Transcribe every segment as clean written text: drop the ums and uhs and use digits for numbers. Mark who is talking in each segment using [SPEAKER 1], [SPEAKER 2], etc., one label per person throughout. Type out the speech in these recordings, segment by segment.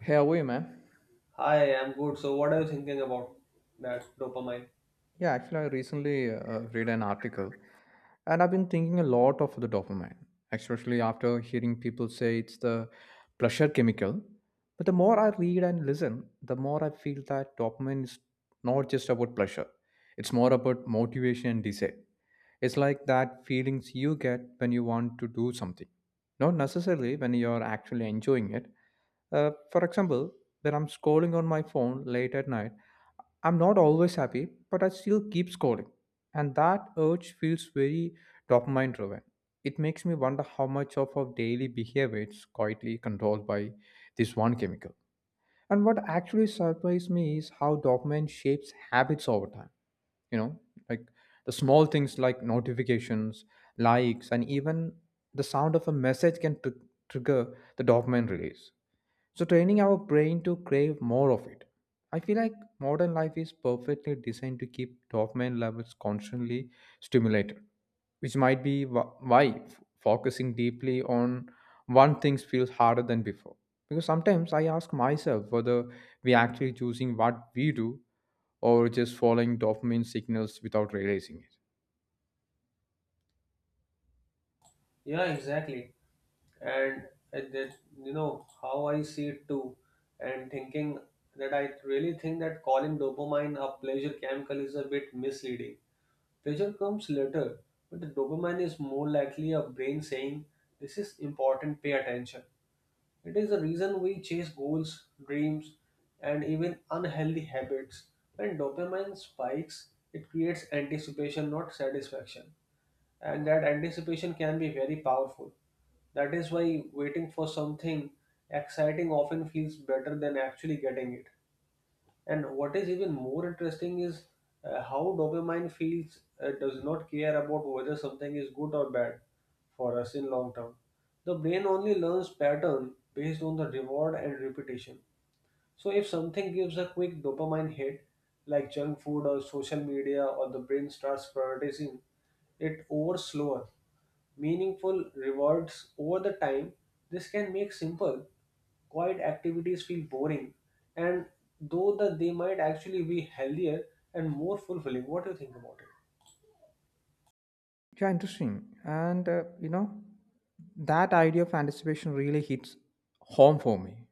[SPEAKER 1] Hey, Away, man.
[SPEAKER 2] Hi, I'm good. So, what are you thinking about that dopamine?
[SPEAKER 1] Yeah, actually, I recently read an article and I've been thinking a lot of the dopamine, especially after hearing people say it's the pleasure chemical. But the more I read and listen, the more I feel that dopamine is not just about pleasure, it's more about motivation and desire. It's like that feelings you get when you want to do something, not necessarily when you're actually enjoying it. For example, when I'm scrolling on my phone late at night, I'm not always happy, but I still keep scrolling. And that urge feels very dopamine driven. It makes me wonder how much of our daily behavior is quietly controlled by this one chemical. And what actually surprised me is how dopamine shapes habits over time. You know, like the small things like notifications, likes, and even the sound of a message can trigger the dopamine release. So, training our brain to crave more of it. I feel like modern life is perfectly designed to keep dopamine levels constantly stimulated, which might be why focusing deeply on one thing feels harder than before. Because sometimes I ask myself whether we actually choosing what we do or just following dopamine signals without realizing it.
[SPEAKER 2] Yeah, exactly. And it, it, you know how I see it too, and thinking that I really think that calling dopamine a pleasure chemical is a bit misleading. Pleasure comes later, but the dopamine is more likely a brain saying, "This is important. Pay attention." It is the reason we chase goals, dreams, and even unhealthy habits. When dopamine spikes, it creates anticipation, not satisfaction. And that anticipation can be very powerful. That is why waiting for something exciting often feels better than actually getting it. And what is even more interesting is how dopamine feels does not care about whether something is good or bad for us in long term. The brain only learns pattern based on the reward and repetition. So if something gives a quick dopamine hit, like junk food or social media, or the brain starts prioritizing it over slower, meaningful rewards over the time, this can make simple, quiet activities feel boring, and though that they might actually be healthier and more fulfilling. What do you think about it?
[SPEAKER 1] Yeah, interesting. And you know, that idea of anticipation really hits home for me.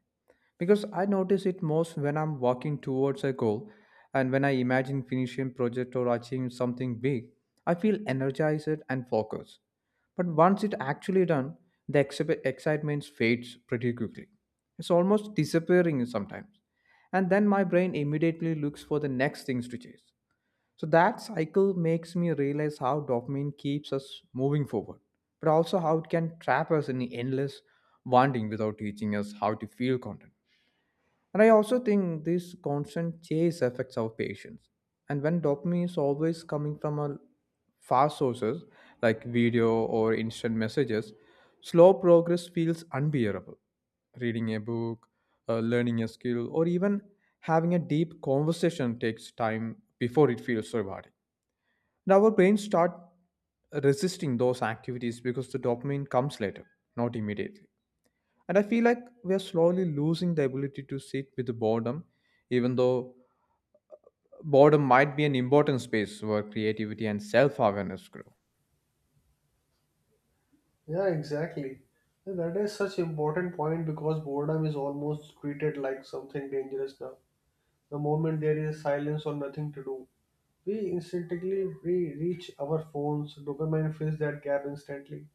[SPEAKER 1] Because I notice it most when I'm walking towards a goal and when I imagine finishing project or achieving something big, I feel energized and focused. But once it actually done, the excitement fades pretty quickly. It's almost disappearing sometimes. And then my brain immediately looks for the next things to chase. So that cycle makes me realize how dopamine keeps us moving forward, but also how it can trap us in endless wanting without teaching us how to feel content. And I also think this constant chase affects our patience. And when dopamine is always coming from a fast sources like video or instant messages, slow progress feels unbearable. Reading a book, learning a skill, or even having a deep conversation takes time before it feels so rewarding. And our brains start resisting those activities because the dopamine comes later, not immediately. And I feel like we are slowly losing the ability to sit with boredom, even though uh, boredom might be an important space where creativity and self awareness grow.
[SPEAKER 2] Yeah, exactly. And that is such important point because boredom is almost treated like something dangerous now. The moment there is silence or nothing to do, we instinctively reach our phones. Dopamine fills that gap instantly.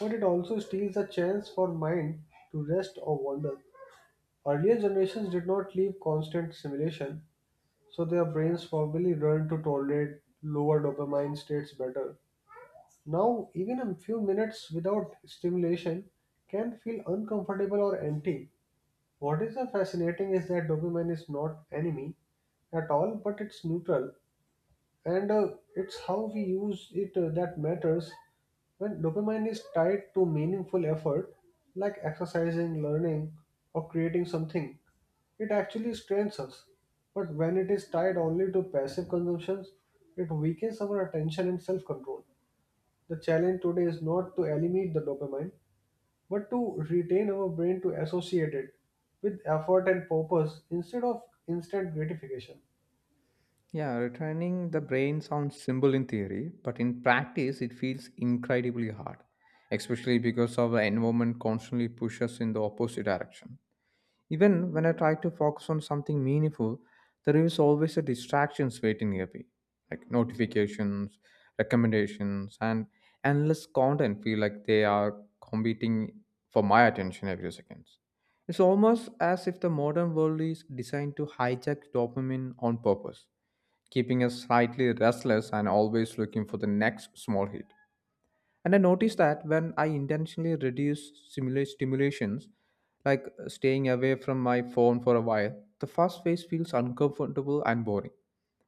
[SPEAKER 2] But it also steals the chance for mind to rest or wander. Earlier generations did not live constant simulation, so their brains probably learned to tolerate lower dopamine states better. Now, even a few minutes without stimulation can feel uncomfortable or empty. What is fascinating is that dopamine is not enemy at all, but it's neutral, and it's how we use it that matters. When dopamine is tied to meaningful effort, like exercising, learning, or creating something, it actually strains us. But when it is tied only to passive consumptions, it weakens our attention and self-control. The challenge today is not to eliminate the dopamine, but to retain our brain to associate it with effort and purpose instead of instant gratification.
[SPEAKER 1] Yeah, retraining the brain sounds simple in theory, but in practice, it feels incredibly hard, especially because our environment constantly pushes us in the opposite direction. Even when I try to focus on something meaningful, there is always a distractions waiting near me, like notifications, recommendations, and endless content feel like they are competing for my attention every second. It's almost as if the modern world is designed to hijack dopamine on purpose, keeping us slightly restless and always looking for the next small hit. And I noticed that when I intentionally reduce stimulations, like staying away from my phone for a while, the first phase feels uncomfortable and boring.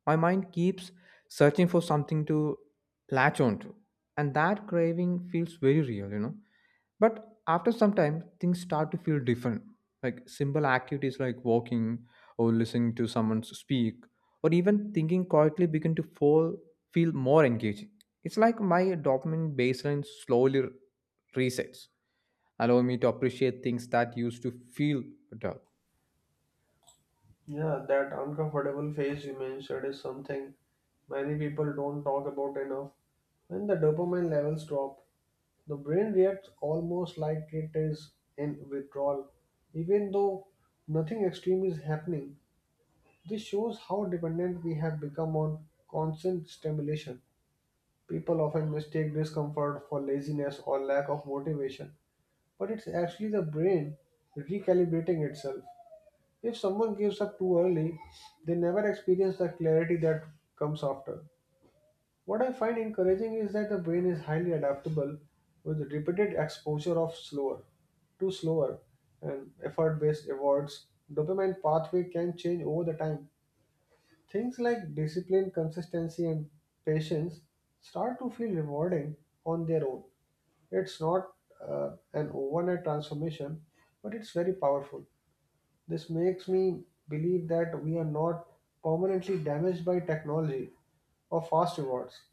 [SPEAKER 1] My mind keeps searching for something to latch onto, and that craving feels very real, you know. But after some time, things start to feel different. Like simple activities like walking or listening to someone speak, or even thinking quietly begin to fall, feel more engaging. It's like my dopamine baseline slowly resets, allowing me to appreciate things that used to feel dull.
[SPEAKER 2] Yeah, that uncomfortable phase you mentioned is something many people don't talk about enough. When the dopamine levels drop, the brain reacts almost like it is in withdrawal, even though nothing extreme is happening. This shows how dependent we have become on constant stimulation. People often mistake discomfort for laziness or lack of motivation, but it's actually the brain recalibrating itself. If someone gives up too early, they never experience the clarity that comes after. What I find encouraging is that the brain is highly adaptable with repeated exposure of slower to slower and effort-based rewards. Dopamine pathway can change over the time. Things like discipline, consistency, and patience start to feel rewarding on their own. It's not an overnight transformation, but it's very powerful. This makes me believe that we are not permanently damaged by technology or fast rewards.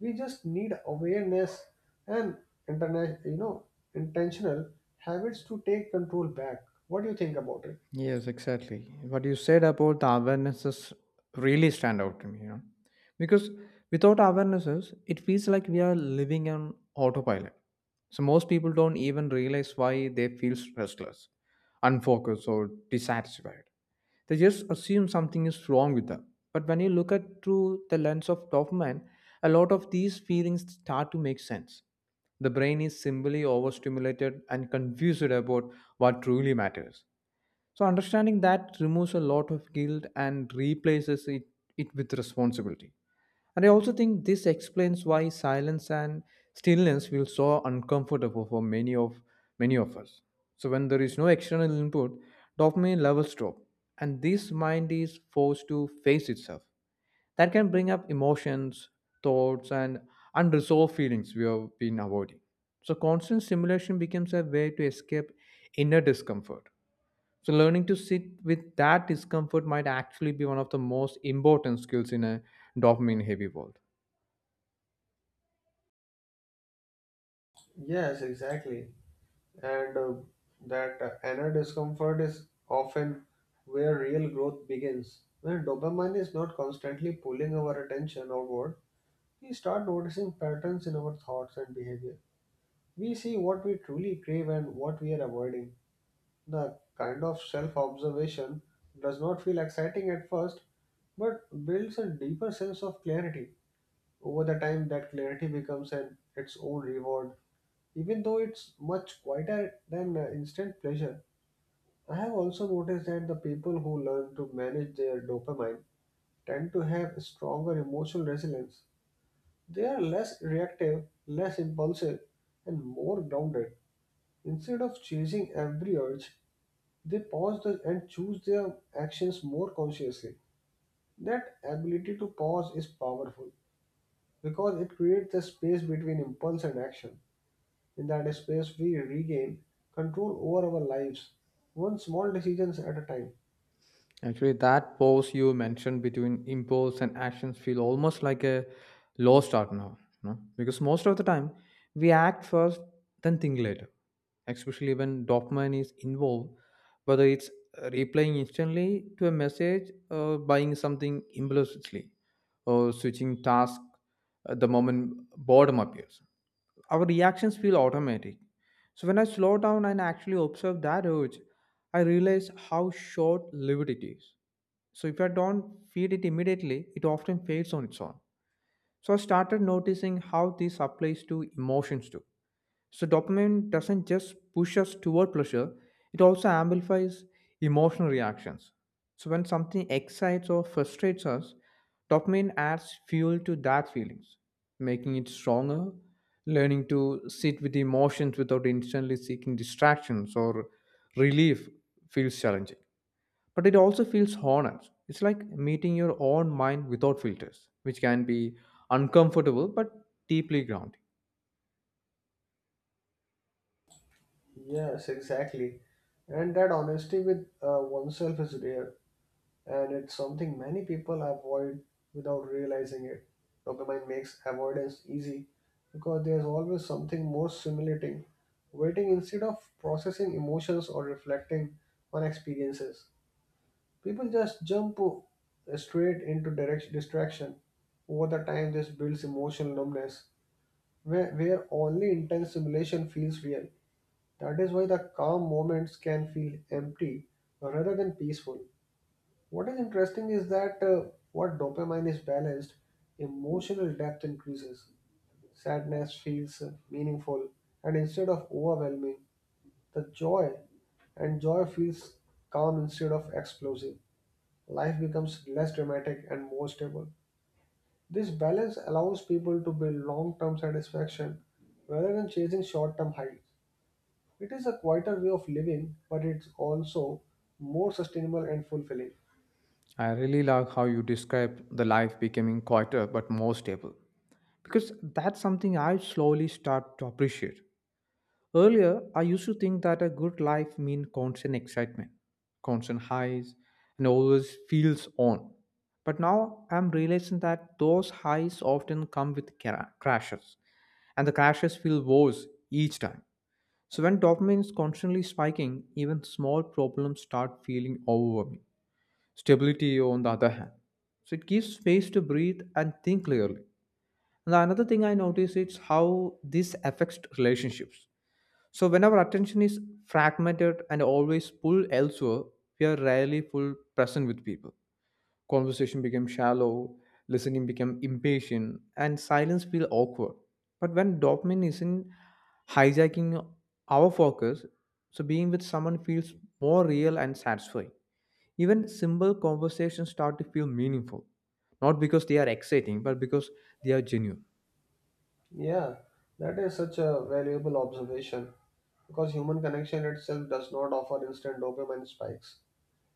[SPEAKER 2] We just need awareness and you know intentional habits to take control back. What do you think about it?
[SPEAKER 1] Yes, exactly. What you said about the awarenesses really stand out to me, you know. Because without awarenesses, it feels like we are living on autopilot. So most people don't even realize why they feel restless, unfocused or dissatisfied. They just assume something is wrong with them. But when you look at through the lens of dopamine, a lot of these feelings start to make sense. The brain is simply overstimulated and confused about what truly matters. So understanding that removes a lot of guilt and replaces it, it with responsibility. And I also think this explains why silence and stillness feel so uncomfortable for many of us. So when there is no external input, dopamine levels drop, and this mind is forced to face itself. That can bring up emotions, thoughts, and unresolved feelings we have been avoiding. So constant stimulation becomes a way to escape inner discomfort. So learning to sit with that discomfort might actually be one of the most important skills in a dopamine heavy world.
[SPEAKER 2] Yes, exactly. And that inner discomfort is often where real growth begins. When dopamine is not constantly pulling our attention outward, we start noticing patterns in our thoughts and behavior. We see what we truly crave and what we are avoiding. The kind of self observation does not feel exciting at first, but builds a deeper sense of clarity. Over the time, that clarity becomes an its own reward, even though it's much quieter than instant pleasure. I have also noticed that the people who learn to manage their dopamine tend to have stronger emotional resilience. They are less reactive, less impulsive, and more grounded. Instead of chasing every urge, they pause, and choose their actions more consciously. That ability to pause is powerful because it creates the space between impulse and action. In that space, we regain control over our lives, one small decisions at a time.
[SPEAKER 1] Actually, that pause you mentioned between impulse and actions feel almost like a lost art now, no? Because most of the time we act first, then think later. Especially when dopamine is involved, whether it's replying instantly to a message, or buying something impulsively, or switching task at the moment boredom appears our reactions feel automatic. So when I slow down and actually observe that urge, I realize how short lived it is. So if I don't feed it immediately, it often fades on its own. So I started noticing how this applies to emotions too. So dopamine doesn't just push us toward pleasure, it also amplifies emotional reactions. So when something excites or frustrates us, dopamine adds fuel to that feelings, making it stronger. Learning to sit with emotions without instantly seeking distractions or relief feels challenging. But it also feels honest. It's like meeting your own mind without filters, which can be uncomfortable but deeply grounding.
[SPEAKER 2] Yes, exactly. And that honesty with oneself is rare, and it's something many people avoid without realizing it. Dopamine makes avoidance easy because there's always something more stimulating waiting instead of processing emotions or reflecting on experiences. People just jump straight into direct distraction. Over the time, this builds emotional numbness where only intense stimulation feels real. That is why the calm moments can feel empty rather than peaceful. What is interesting is that what dopamine is balanced, emotional depth increases. Sadness feels meaningful, and instead of overwhelming, the joy feels calm instead of explosive. Life becomes less dramatic and more stable. This balance allows people to build long term satisfaction rather than chasing short term highs. It is a quieter way of living, but it's also more sustainable and fulfilling.
[SPEAKER 1] I really like how you describe the life becoming quieter but more stable because that's something I slowly start to appreciate. Earlier, I used to think that a good life means constant excitement, constant highs, and always feels on. But now I'm realizing that those highs often come with crashes, and the crashes feel worse each time. So when dopamine is constantly spiking, even small problems start feeling overwhelming. Stability, on the other hand, so it gives space to breathe and think clearly. And another thing I notice is how this affects relationships. So when our attention is fragmented and always pulled elsewhere, we are rarely full present with people. Conversation becomes shallow, listening becomes impatient, and silence feels awkward. But when dopamine isn't hijacking our focus, so being with someone feels more real and satisfying. Even simple conversations start to feel meaningful, not because they are exciting, but because they are genuine.
[SPEAKER 2] Yeah, that is such a valuable observation because human connection itself does not offer instant dopamine spikes.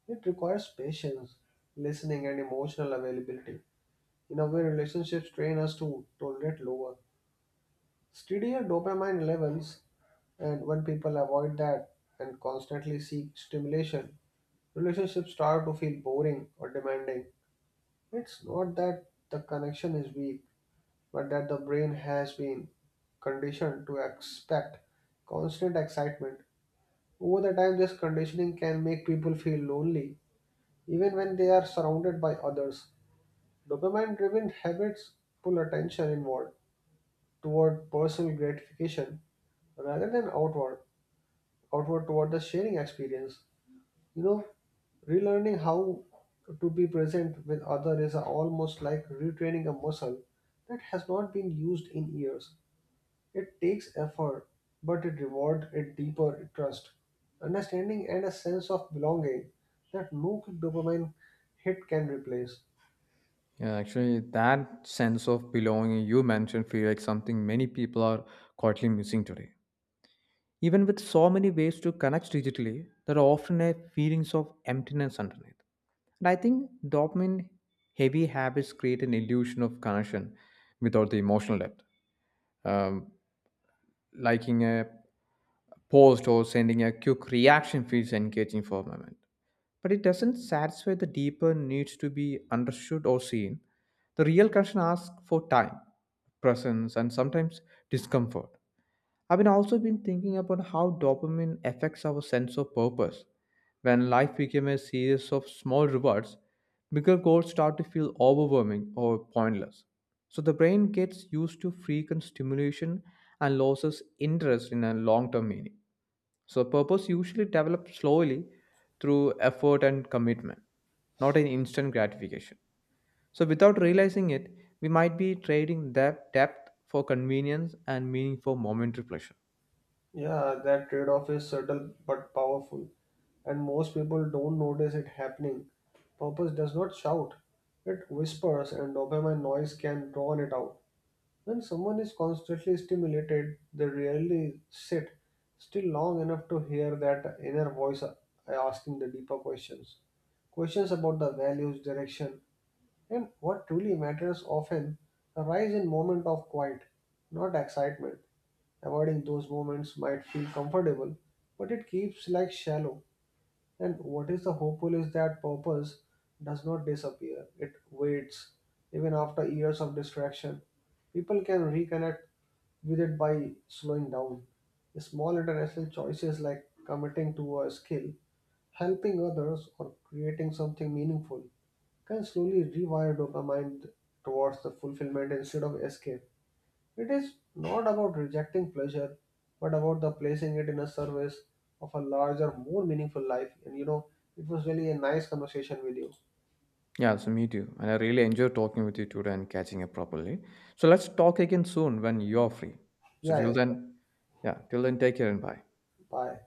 [SPEAKER 2] It requires patience, listening, and emotional availability. In a way, relationships train us to tolerate lower, steadier dopamine levels, and when people avoid that and constantly seek stimulation, relationships start to feel boring or demanding. It's not that the connection is weak, but that the brain has been conditioned to expect constant excitement. Over the time, this conditioning can make people feel lonely, even when they are surrounded by others. Dopamine driven habits pull attention inward toward personal gratification rather than outward toward the sharing experience. You know, relearning how to be present with others is almost like retraining a muscle that has not been used in years. It takes effort, but it rewards a deeper trust, understanding, and a sense of belonging that no quick dopamine hit can replace.
[SPEAKER 1] Yeah, actually, that sense of belonging you mentioned feels like something many people are quietly missing today. Even with so many ways to connect digitally, there are often a feelings of emptiness underneath. And I think dopamine heavy habits create an illusion of connection without the emotional depth. Um, Liking a post or sending a quick reaction feels engaging for a moment, but it doesn't satisfy the deeper needs to be understood or seen. The real connection asks for time, presence, and sometimes discomfort. I've been also been thinking about how dopamine affects our sense of purpose. When life became a series of small rewards, bigger goals start to feel overwhelming or pointless. So the brain gets used to frequent stimulation and loses interest in a long-term meaning. So, purpose usually develops slowly through effort and commitment, not an instant gratification. So, without realizing it, we might be trading that depth for convenience and meaning for momentary pleasure.
[SPEAKER 2] Yeah, that trade off is subtle but powerful, and most people don't notice it happening. Purpose does not shout, it whispers, and dopamine noise can drown it out. When someone is constantly stimulated, they rarely sit still long enough to hear that inner voice asking the deeper questions. Questions about the values, direction, and what truly matters often arise in moments of quiet, not excitement. Avoiding those moments might feel comfortable, but it keeps like shallow. And what is the hopeful is that purpose does not disappear. It waits even after years of distraction. People can reconnect with it by slowing down. Small international choices like committing to a skill, helping others, or creating something meaningful can slowly rewire dopamine towards the fulfillment instead of escape. It is not about rejecting pleasure, but about the placing it in a service of a larger, more meaningful life. And you know, it was really a nice conversation with you.
[SPEAKER 1] Yeah, so me too. And I really enjoyed talking with you today and catching up properly. So, let's talk again soon when you're free. So,
[SPEAKER 2] Yeah,
[SPEAKER 1] till
[SPEAKER 2] yeah, sure.
[SPEAKER 1] then, yeah, till then, take care and bye.
[SPEAKER 2] Bye.